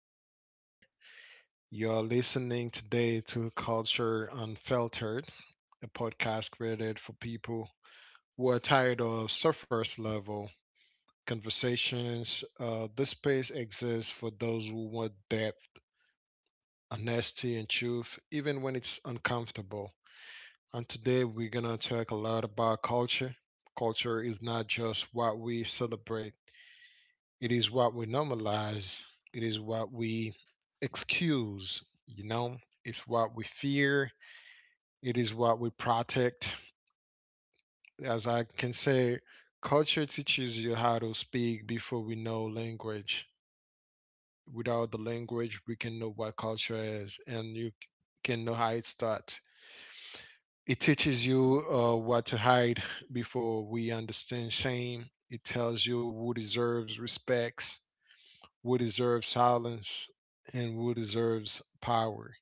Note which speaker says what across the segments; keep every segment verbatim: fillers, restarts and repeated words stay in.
Speaker 1: for being here. You are listening today to Culture Unfiltered, a podcast created for people who are tired of surface level conversations. Uh, this space exists for those who want depth, honesty, and truth, even when it's uncomfortable. And today we're going to talk a lot about culture. Culture is not just what we celebrate. It is what we normalize. It is what we excuse, you know? It's what we fear. It is what we protect. As I can say, culture teaches you how to speak before we know language. Without the language, we can know what culture is and you c- can know how it's taught. It teaches you uh, what to hide before we understand shame. It tells you who deserves respects would deserve silence and would deserves power.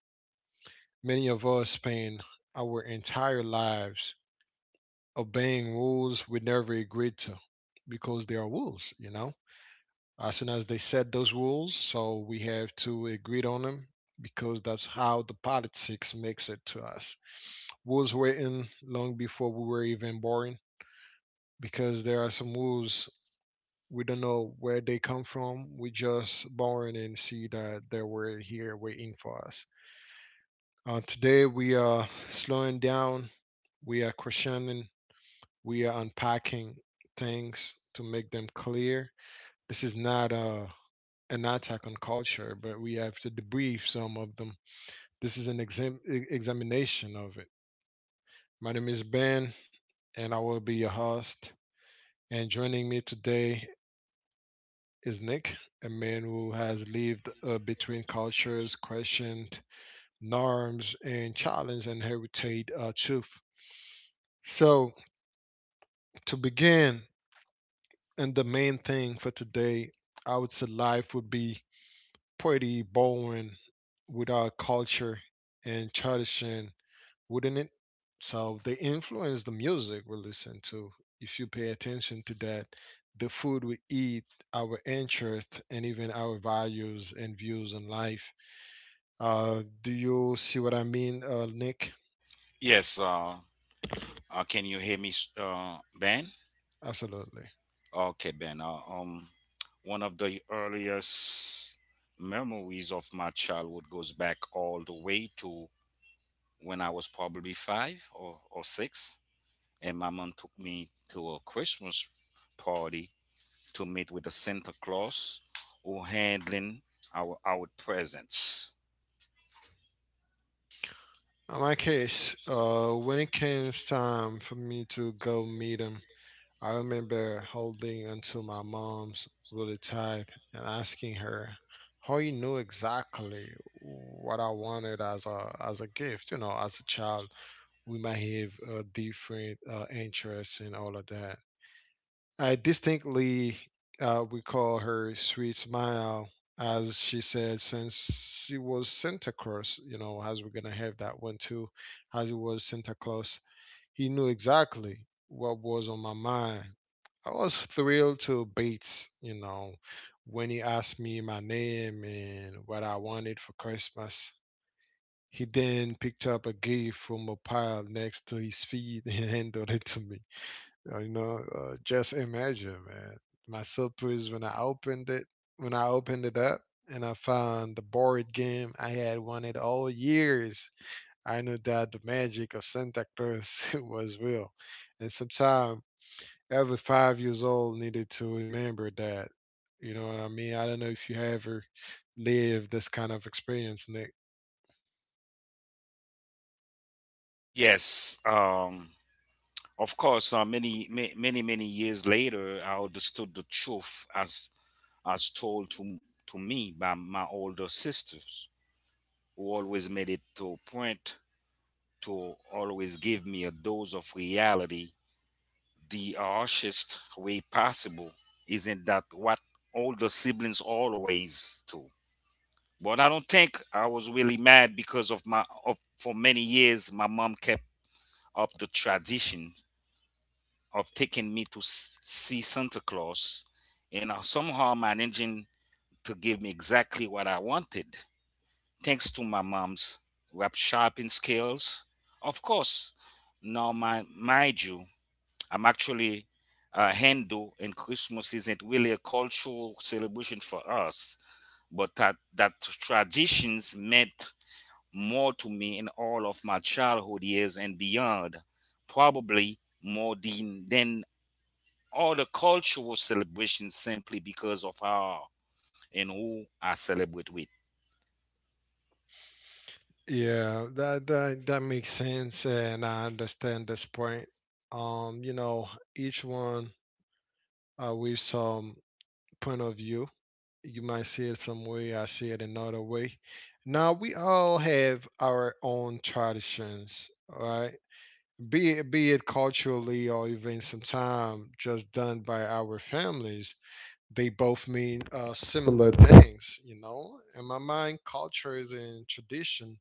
Speaker 1: Many of us spend our entire lives obeying rules we never agreed to because they are rules, you know. As soon as they set those rules, so we have to agree on them because that's how the politics makes it to us. Rules written long before we were even born because there are some rules we don't know where they come from. We just born and see that they were here waiting for us. Uh, today we are slowing down. We are questioning. We are unpacking things to make them clear. This is not a an attack on culture, but we have to debrief some of them. This is an exam- e- examination of it. My name is Ben, and I will be your host. And joining me today is Nick, a man who has lived uh, between cultures, questioned norms, and challenged inherited uh, truth. So, to begin, and the main thing for today, I would say life would be pretty boring without culture and tradition, wouldn't it? So, they influence the music we listen to. If you pay attention to that, the food we eat, our interests, and even our values and views on life. Uh, do you see what I mean, uh, Nick?
Speaker 2: Yes, uh, uh, can you hear me, s- uh, Ben?
Speaker 1: Absolutely.
Speaker 2: Okay, Ben. Uh, um, one of the earliest memories of my childhood goes back all the way to when I was probably five or, or six, and my mom took me to a Christmas party to meet with a Santa Claus who handling our our presents.
Speaker 1: In my case, uh, when it came time for me to go meet him, I remember holding onto my mom's really tight and asking her how you knew exactly what I wanted as a as a gift. You know, as a child, we might have uh, different uh, interests and all of that. I distinctly uh, recall her sweet smile as she said, since she was Santa Claus, you know, as we're going to have that one too, as it was Santa Claus, he knew exactly what was on my mind. I was thrilled to Bates, you know, when he asked me my name and what I wanted for Christmas. He then picked up a gift from a pile next to his feet and handed it to me. Uh, You know, uh, just imagine, man. My surprise when I opened it, when I opened it up, and I found the board game I had wanted all years. I knew that the magic of Santa Claus was real, and sometimes, every five years old needed to remember that. You know what I mean? I don't know if you ever lived this kind of experience, Nick.
Speaker 2: Yes, um, of course. Uh, many, ma- many, many years later, I understood the truth as as told to, to me by my older sisters, who always made it to a point to always give me a dose of reality the harshest way possible. Isn't that what older siblings always do? But I don't think I was really mad because of my of for many years my mom kept up the tradition of taking me to s- see Santa Claus and uh, somehow managing to give me exactly what I wanted, thanks to my mom's rap sharpening skills. Of course, now my mind you, I'm actually a Hindu, and Christmas isn't really a cultural celebration for us, but that that traditions meant more to me in all of my childhood years and beyond, probably more than than all the cultural celebrations simply because of how and who I celebrate with.
Speaker 1: Yeah, that that that makes sense, and I understand this point. Um, you know, each one uh, with some point of view. You might see it some way, I see it another way. Now we all have our own traditions, right? Be it, be it culturally or even sometimes just done by our families. They both mean uh, similar things, you know. In my mind, cultures and tradition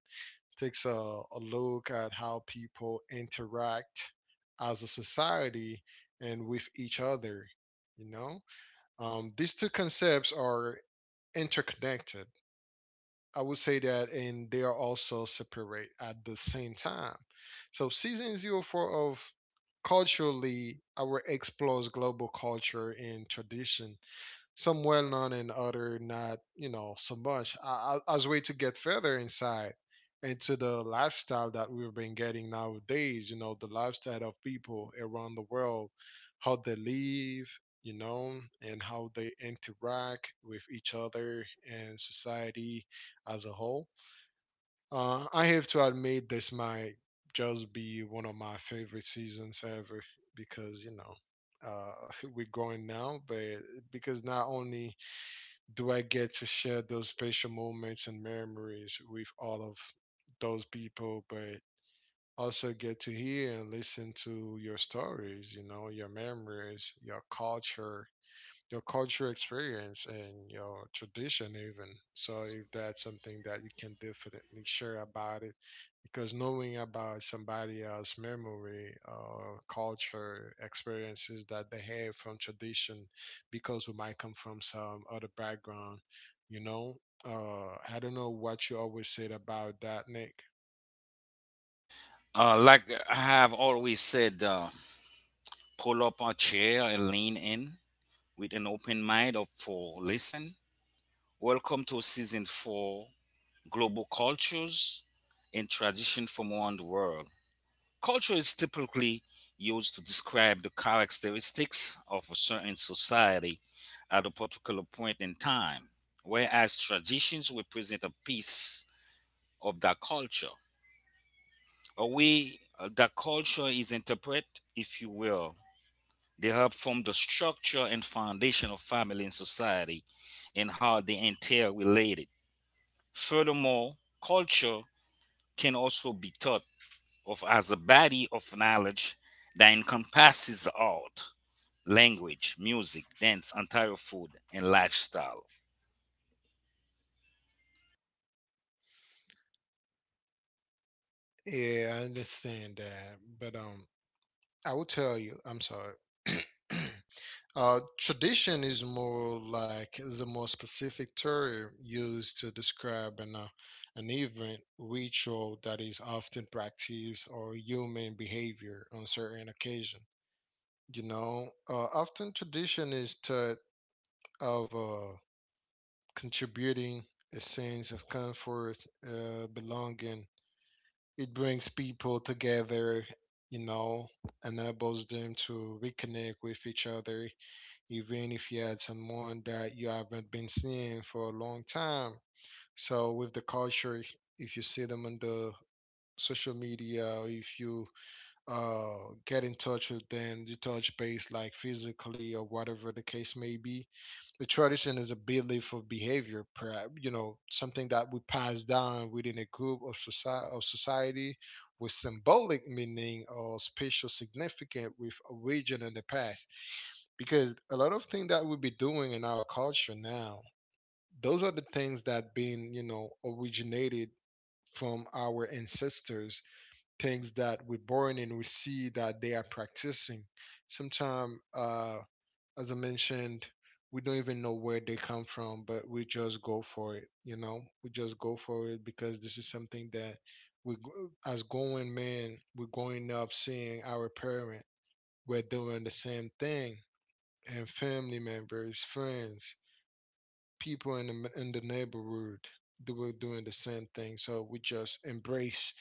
Speaker 1: takes a, a look at how people interact as a society and with each other, you know um, these two concepts are interconnected. I would say that, and they are also separate at the same time. So, season zero four of culturally our explores global culture and tradition some well known and other not, you know, so much a- a- as way to get further inside into the lifestyle that we've been getting nowadays, you know, the lifestyle of people around the world, how they live, you know, and how they interact with each other and society as a whole. Uh, I have to admit, this might just be one of my favorite seasons ever because, you know, uh, we're going now, but because not only do I get to share those special moments and memories with all of those people, but also get to hear and listen to your stories, you know, your memories, your culture, your cultural experience and your tradition even so if that's something that you can definitely share about it because knowing about somebody else's memory or culture experiences that they have from tradition because we might come from some other background you know uh I don't know what you always said about that, Nick.
Speaker 2: Uh, like I have always said, uh, pull up a chair and lean in with an open mind up for listen. Welcome to season four, Global Cultures and Tradition from Around the World. Culture is typically used to describe the characteristics of a certain society at a particular point in time, whereas traditions represent a piece of that culture. A way uh, that culture is interpreted, if you will. They help form the structure and foundation of family and society and how they interrelated. Furthermore, culture can also be thought of as a body of knowledge that encompasses art, language, music, dance, entire food, and lifestyle.
Speaker 1: Yeah, I understand that, but um I will tell you, I'm sorry. Uh, tradition is more like is a more specific term used to describe an uh, an event ritual that is often practiced or human behavior on certain occasion. You know, uh, often tradition is thought of uh, contributing a sense of comfort, uh, belonging. It brings people together. You know, Enables them to reconnect with each other even if you had someone that you haven't been seeing for a long time. So with the culture, if you see them on the social media, or if you uh, get in touch with them, you touch base like physically or whatever the case may be. The tradition is a belief of behavior, perhaps, you know, something that we pass down within a group of society, of society with symbolic meaning or spatial significance with origin in the past. Because a lot of things that we be doing in our culture now, those are the things that being, you know, originated from our ancestors things that we're born in, we see that they are practicing. Sometimes, uh, as I mentioned, we don't even know where they come from, but we just go for it. You know, we just go for it because this is something that we, go- as going men, we're going up seeing our parent. We're doing the same thing, and family members, friends, people in the in the neighborhood, they were doing the same thing. So we just embrace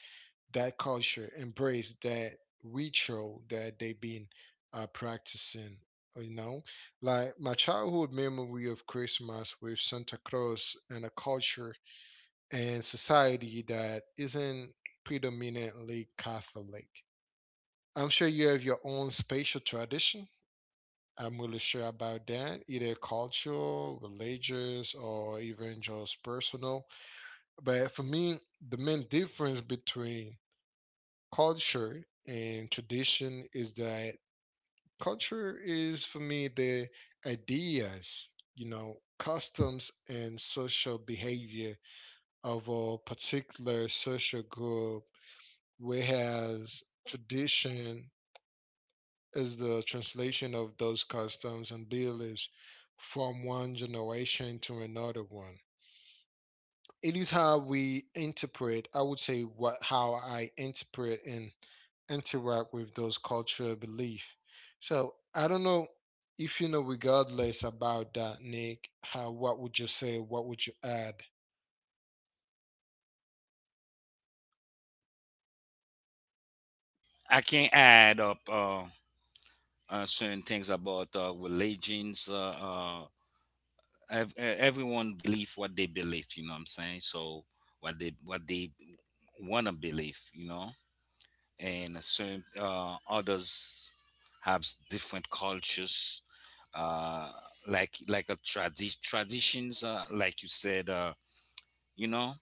Speaker 1: that culture embrace that ritual that they've been uh, practicing. uh, You know, like my childhood memory of Christmas with Santa Claus and a culture and society that isn't predominantly Catholic. I'm sure you have your own spatial tradition. I'm really sure about that, either cultural, religious, or even just personal. But for me, the main difference between culture and tradition is that culture is for me the ideas, you know, customs and social behavior of a particular social group, whereas tradition is the translation of those customs and beliefs from one generation to another one. It is how we interpret, I would say, what how I interpret and interact with those cultural belief. So I don't know, if you know regardless about that, Nick, how what would you say, what would you add?
Speaker 2: I can add up uh, uh, certain things about uh, religions. Uh, uh, ev- eh, everyone believe what they believe, you know what I'm saying, so what they what they want to believe, you know, and certain uh, others have s- different cultures uh like like a tradi- traditions, uh, like you said, uh you know.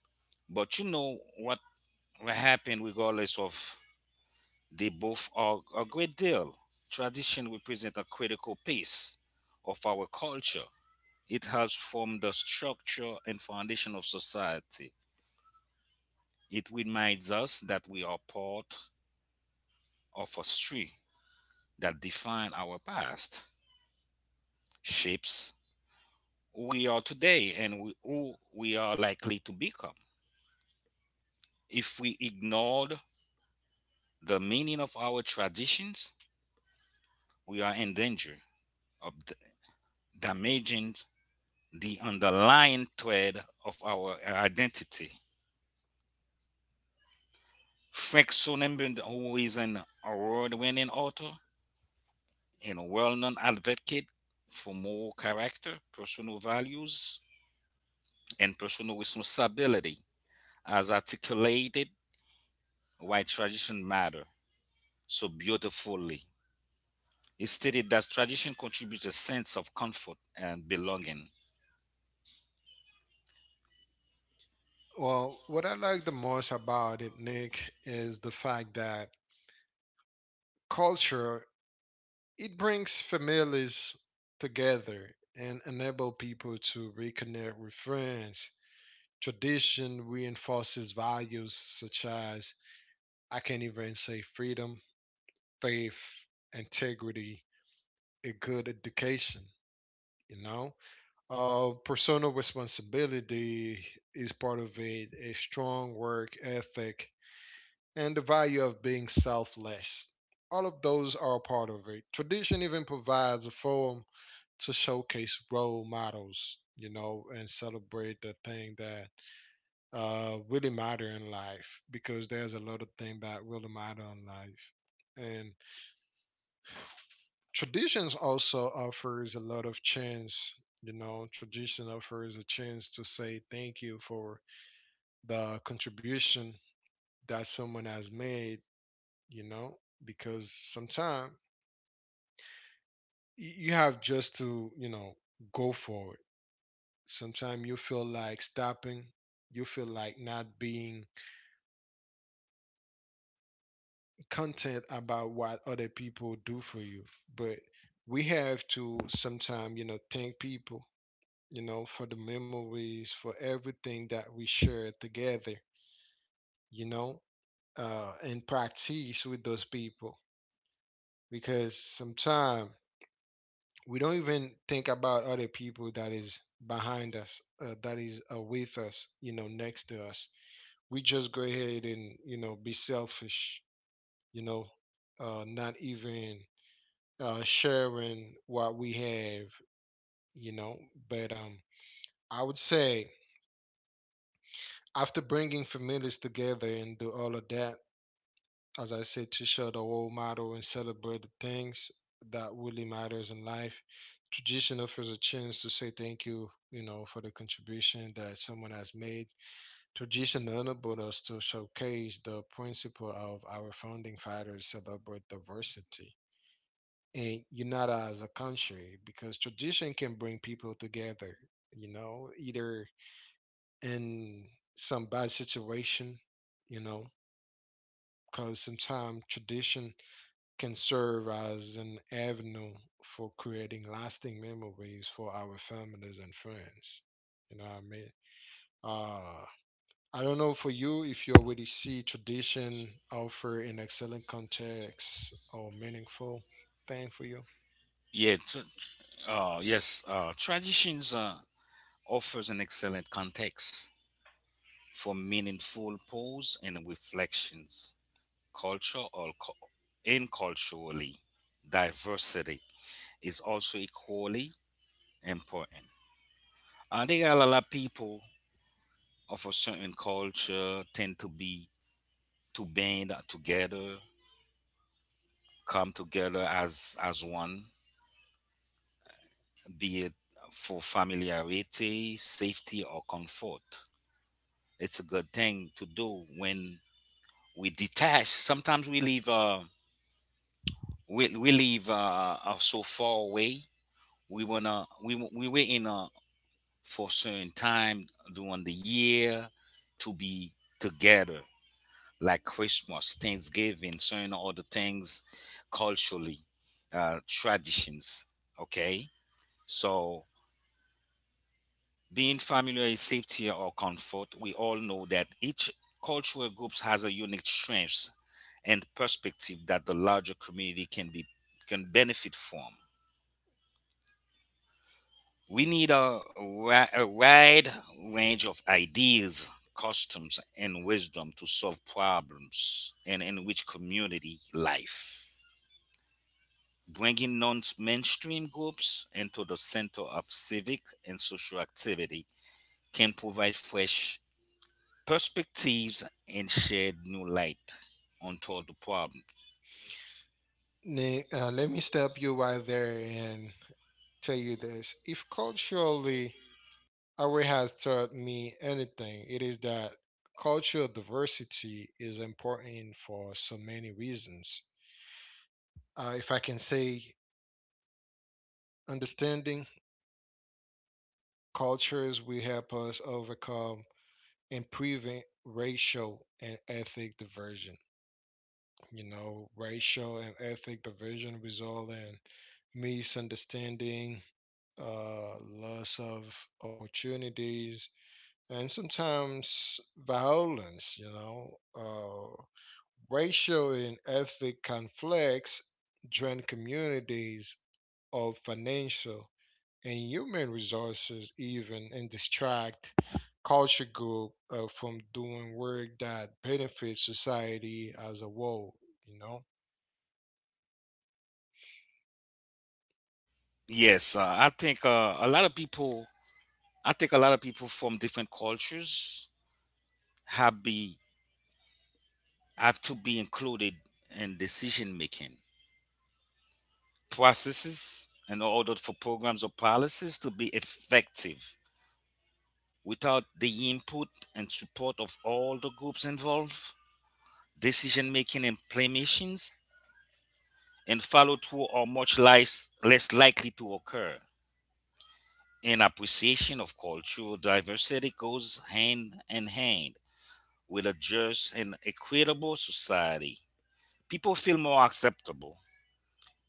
Speaker 2: But you know what? What happened regardless of, they both are a great deal. Tradition represent a critical piece of our culture. It has formed the structure and foundation of society. It reminds us that we are part of a history that defines our past, shapes who we are today, and we- who we are likely to become. If we ignored the meaning of our traditions, we are in danger of d- damaging the underlying thread of our identity. Frank Sonnenberg, who is an award winning author, and a well-known advocate for moral character, personal values, and personal responsibility, as articulated why tradition matter so beautifully. It stated that tradition contributes a sense of comfort and belonging.
Speaker 1: Well, what I like the most about it, Nick, is the fact that culture, it brings families together and enable people to reconnect with friends. Tradition reinforces values such as I can't even say freedom, faith, integrity, a good education. You know, uh, Personal responsibility is part of it, a strong work ethic, and the value of being selfless. All of those are a part of it. Tradition even provides a forum to showcase role models, you know, and celebrate the thing that uh, really matter in life because there's a lot of things that really matter in life. And traditions also offers a lot of chance. You know tradition offers a chance to say thank you for the contribution that someone has made, you know because sometimes you have just to, you know go for it. Sometimes you feel like stopping. You feel like not being content about what other people do for you. But we have to sometimes, you know thank people, you know, for the memories, for everything that we share together, you know, uh, and practice with those people. Because sometimes we don't even think about other people that is behind us, uh, that is uh, with us, you know, next to us. We just go ahead and, you know, be selfish, you know, uh, not even uh, sharing what we have, you know. But um, I would say after bringing families together and do all of that as I said, to show the role model and celebrate the things that really matters in life. Tradition offers a chance to say thank you, you know, for the contribution that someone has made. Tradition enabled us to showcase the principle of our founding fathers celebrate diversity and unite as a country because tradition can bring people together, you know, either in some bad situation, you know, because sometimes tradition can serve as an avenue for creating lasting memories for our families and friends. You know what I mean? Uh, I don't know for you if you already see tradition offer an excellent context or meaningful thing for you.
Speaker 2: Yeah, tr- uh, yes, uh, traditions uh, offers an excellent context for meaningful pause and reflections. Culture or co- in culturally diversity is also equally important. I think a lot of people of a certain culture tend to be to band together, come together as as one, be it for familiarity, safety, or comfort. It's a good thing to do when we detach. Sometimes we leave uh we we leave uh, uh so far away. We wanna we we were in a for certain time during the year to be together, like Christmas, Thanksgiving, certain other things, culturally, uh, traditions. Okay, so being familiar is safety or comfort. We all know that each cultural group has a unique strengths and perspective that the larger community can be can benefit from. We need a, ri- a wide range of ideas, customs, and wisdom to solve problems and enrich community life. Bringing non mainstream groups into the center of civic and social activity can provide fresh perspectives and shed new light onto the problem.
Speaker 1: Ne- uh, let me stop you right there and tell you this. If culturally our has taught me anything, it is that cultural diversity is important for so many reasons. Uh, if I can say, understanding cultures will help us overcome and prevent racial and ethnic diversion. You know, racial and ethnic diversion result in misunderstanding, uh, loss of opportunities, and sometimes violence. You know, uh, racial and ethnic conflicts drain communities of financial and human resources even and distract culture group uh, from doing work that benefits society as a whole, you know.
Speaker 2: Yes, uh, I think uh, a lot of people. I think a lot of people from different cultures have the have to be included in decision making processes in order for programs or policies to be effective. Without the input and support of all the groups involved, decision making implementations and follow through are much less, less likely to occur. An appreciation of cultural diversity goes hand in hand with a just and equitable society. People feel more acceptable,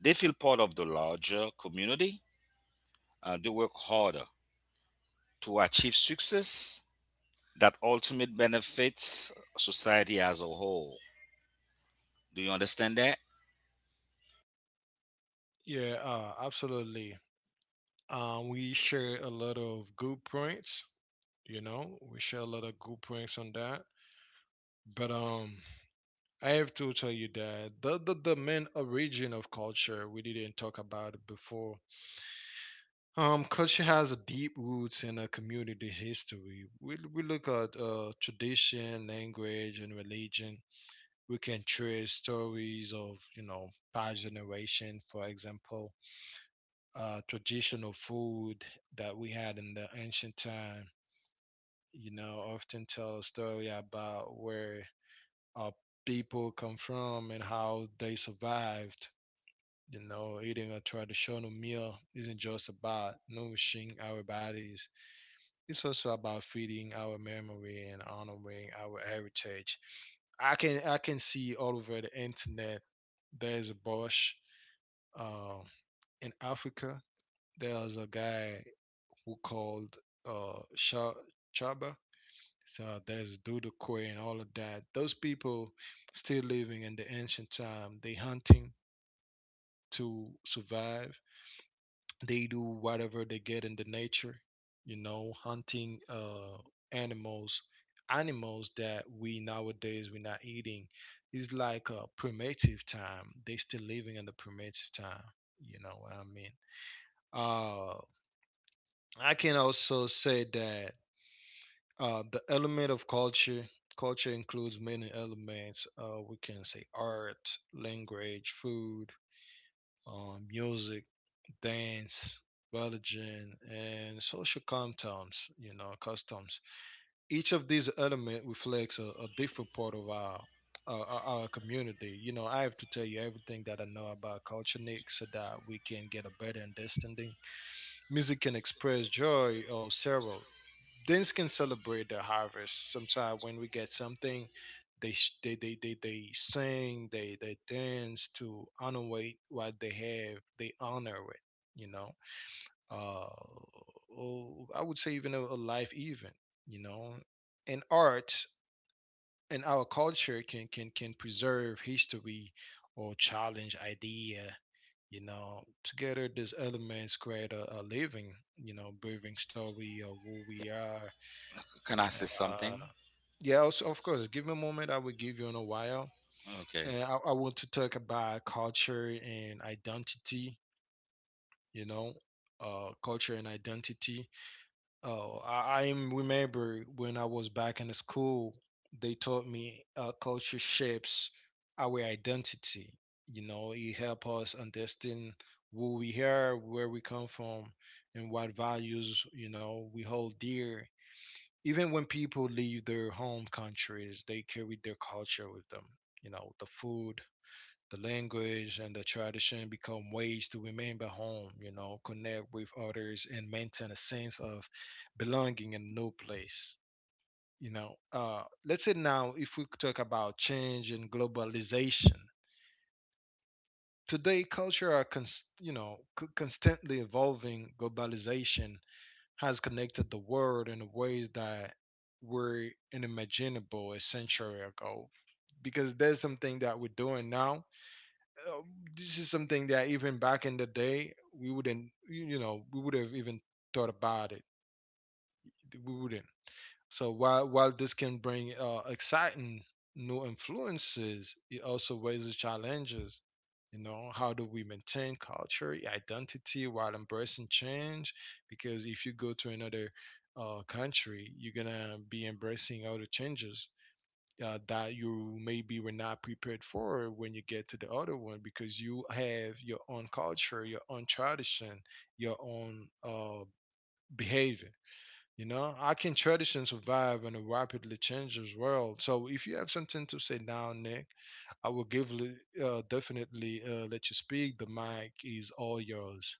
Speaker 2: they feel part of the larger community, uh, to work harder to achieve success that ultimate benefits society as a whole. Do you understand that?
Speaker 1: Yeah, uh, absolutely. Um, we share a lot of good points, you know, we share a lot of good points on that, but um I have to tell you that the, the, the main origin of culture, we didn't talk about it before. Um, culture has a deep roots in a community history. We, we look at uh, tradition, language, and religion. We can trace stories of, you know, past generation. For example, uh, traditional food that we had in the ancient time, you know, often tell a story about where our people come from and how they survived. You know, eating a traditional meal isn't just about nourishing our bodies. It's also about feeding our memory and honoring our heritage. I can I can see all over the internet there's a Bosch uh, in Africa. There's a guy who called uh, Sha- Chaba. So there's Dudukwe and all of that. Those people still living in the ancient time. They hunting to survive. They do whatever they get in the nature, you know, hunting uh animals, animals that we nowadays we're not eating. It's like a primitive time, they still living in the primitive time. You know what I mean? uh I can also say that uh the element of culture culture includes many elements. Uh we can say art, language, food, uh, music, Danes, Belgian, and social customs, you know, customs. Each of these elements reflects a, a different part of our, our our our community. You know, I have to tell you everything that I know about culture, Nick, so that we can get a better understanding. Music can express joy or sorrow. Dance can celebrate the harvest. Sometimes when we get something, they sh- they they they, they sing, they they dance to honor what what they have. They honor it. You know, uh, well, I would say even a, a life event, you know, and art and our culture can can can preserve history or challenge idea, you know. Together, these elements create a, a living, you know, breathing story of who we are.
Speaker 2: Can I say
Speaker 1: Uh,
Speaker 2: something?
Speaker 1: yeah, also, of course, give me a moment. I will give you in a while.
Speaker 2: Okay.
Speaker 1: And I, I want to talk about culture and identity, you know, uh, culture and identity. Oh, I, I remember when I was back in the school, they taught me uh, culture shapes our identity. You know, it helps us understand who we are, where we come from, and what values, you know, we hold dear. Even when people leave their home countries, they carry their culture with them. You know, the food, the language and the tradition become ways to remember home, you know, connect with others and maintain a sense of belonging in no place. You know, uh, let's say now if we talk about change and globalization, today culture are, cons- you know, c- constantly evolving. Globalization has connected the world in ways that were unimaginable a century ago, because there's something that we're doing now. uh, this is something that even back in the day we wouldn't you you know we would have even thought about it, we wouldn't. So while while this can bring uh, exciting new influences, it also raises challenges. You know, how do we maintain culture identity while embracing change? Because if you go to another uh, country, you're gonna be embracing other changes uh, that you maybe were not prepared for when you get to the other one, because you have your own culture, your own tradition, your own uh, behavior. You know, how can tradition survive in a rapidly changing world? So, if you have something to say now, Nick, I will give li- uh, definitely uh, let you speak. The mic is all yours.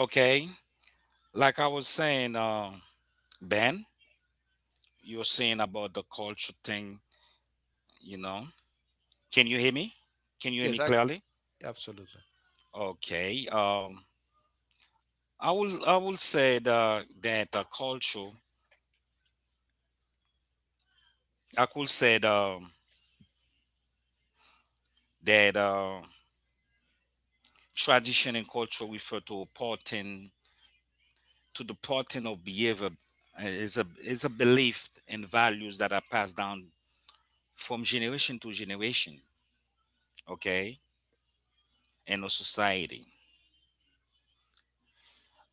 Speaker 2: Okay. Like I was saying, uh, Ben, you're saying about the culture thing, you know. Can you hear me? Can you hear me
Speaker 1: Yes, I
Speaker 2: clearly?
Speaker 1: absolutely,
Speaker 2: Okay. Um, I will I will say the, that the culture, I could say the, that uh, tradition and culture refer to a pattern to the pattern of behavior, uh, is a is a belief and values that are passed down from generation to generation. Okay, in a society.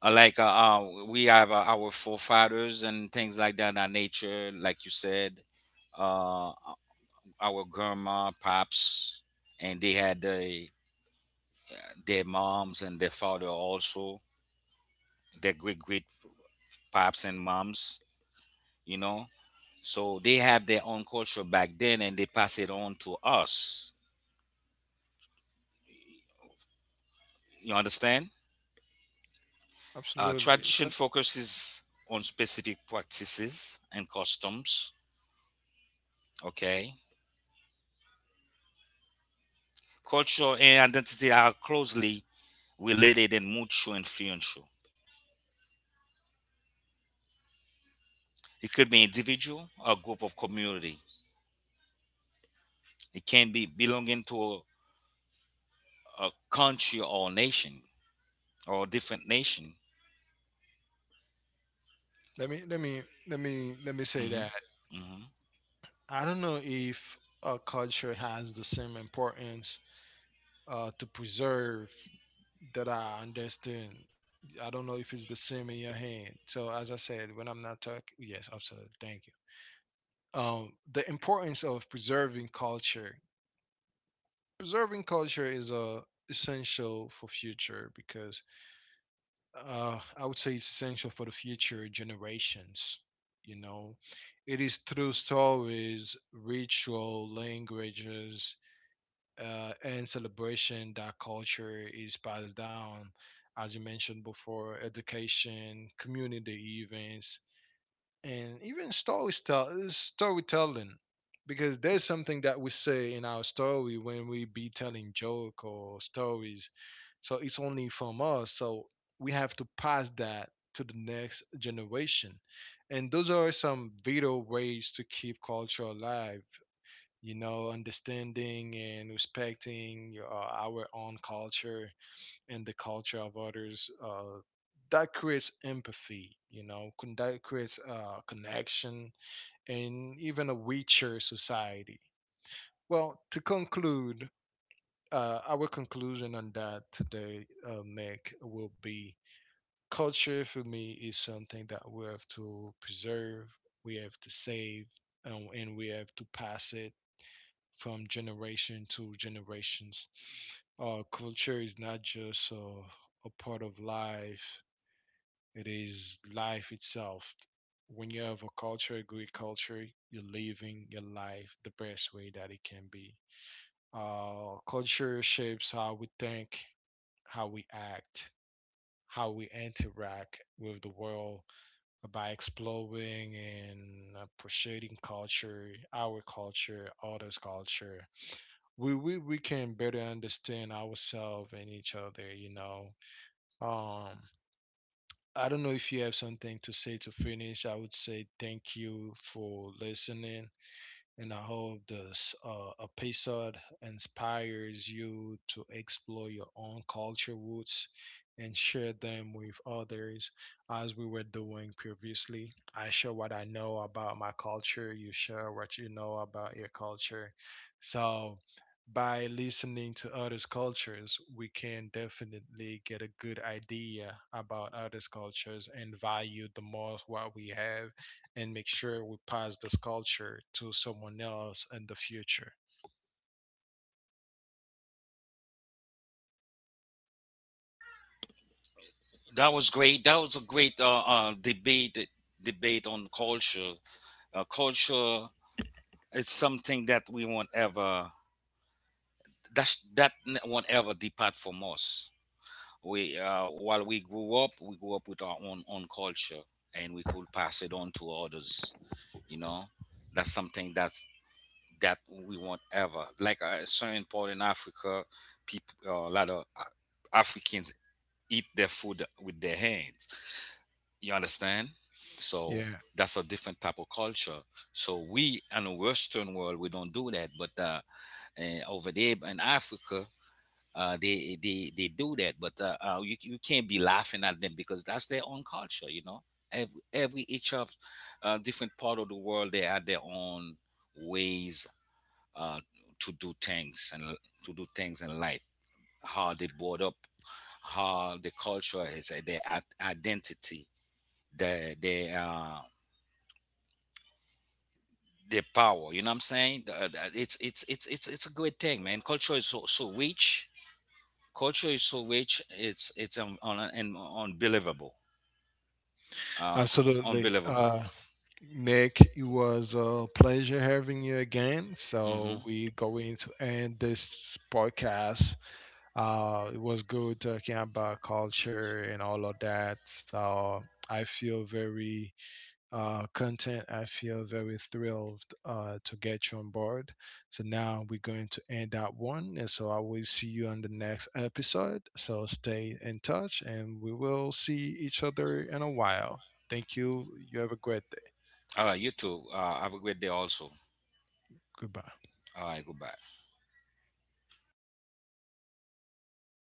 Speaker 2: Uh, like uh, uh, we have uh, our forefathers and things like that, that nature, like you said, uh, our grandma pops, and they had the, their moms and their father also, their great great pops and moms, you know. So they have their own culture back then and they pass it on to us. You understand? Uh,
Speaker 1: absolutely.
Speaker 2: tradition
Speaker 1: So
Speaker 2: focuses on specific practices and customs. Okay. Culture and identity are closely related and mutually influential. It could be individual or group of community. It can be belonging to a, a country or nation or a different nation.
Speaker 1: let me let me let me let me say
Speaker 2: Hmm.
Speaker 1: that.
Speaker 2: Hmm.
Speaker 1: I don't know if a culture has the same importance uh, to preserve that I understand. I don't know if it's the same in your hand. So as I said, when I'm not talking, yes, absolutely. Thank you. Um, the importance of preserving culture. Preserving culture is uh, essential for future because uh, I would say it's essential for the future generations. You know, it is through stories, ritual, languages, uh, and celebration that culture is passed down, as you mentioned before, education, community events, and even story tell- storytelling. Because there's something that we say in our story when we be telling joke or stories. So it's only from us. So we have to pass that to the next generation. And those are some vital ways to keep culture alive, you know, understanding and respecting your, uh, our own culture and the culture of others, uh, that creates empathy, you know, con- that creates uh, connection and even a richer society. Well, to conclude, uh, our conclusion on that today, uh, Nick, will be culture for me is something that we have to preserve, we have to save, and, and we have to pass it from generation to generations. Uh, culture is not just uh, a part of life; it is life itself. When you have a culture, a great culture, you're living your life the best way that it can be. Uh, culture shapes how we think, how we act, how we interact with the world by exploring and appreciating culture, our culture, others' culture, we we we can better understand ourselves and each other, you know. um I don't know if you have something to say to finish. I would say thank you for listening, and I hope this uh, episode inspires you to explore your own culture roots and share them with others, as we were doing previously. I share what I know about my culture, you share what you know about your culture. So, by listening to others' cultures, we can definitely get a good idea about others' cultures and value the most what we have and make sure we pass this culture to someone else in the future.
Speaker 2: That was great. That was a great uh, uh, debate debate on culture. Uh, culture, it's something that we won't ever, that that won't ever depart from us. We uh, while we grew up, we grew up with our own own culture, and we could pass it on to others. You know, that's something that's that we won't ever, like uh, certain part in Africa. People, uh, a lot of uh, Africans eat their food with their hands. You understand? So
Speaker 1: Yeah,
Speaker 2: that's a different type of culture. So we in the Western world we don't do that, but uh, eh, over there in Africa uh, they they they do that, but uh, uh, you you can't be laughing at them because that's their own culture, you know. Every, every each of uh, different part of the world, they had their own ways uh, to do things and to do things in life. How they brought up, how the culture is, uh, their at- identity, their their uh, their power. You know what I'm saying? The- uh, the- It's it's it's it's it's a great thing, man. Culture is so so rich, culture is so rich, it's it's un, un, un, unbelievable. uh
Speaker 1: absolutely.
Speaker 2: unbelievable.
Speaker 1: Uh, Nick, it was a pleasure having you again.
Speaker 2: Hmm.
Speaker 1: So we're going to end this podcast. Uh, it was good talking about culture and all of that. So I feel very uh, content. I feel very thrilled uh, to get you on board. So now we're going to end that one. And so I will see you on the next episode. So stay in touch and we will see each other in a while. Thank you. You have a great day.
Speaker 2: All right, you too, uh have a great day also.
Speaker 1: Goodbye.
Speaker 2: All right, goodbye.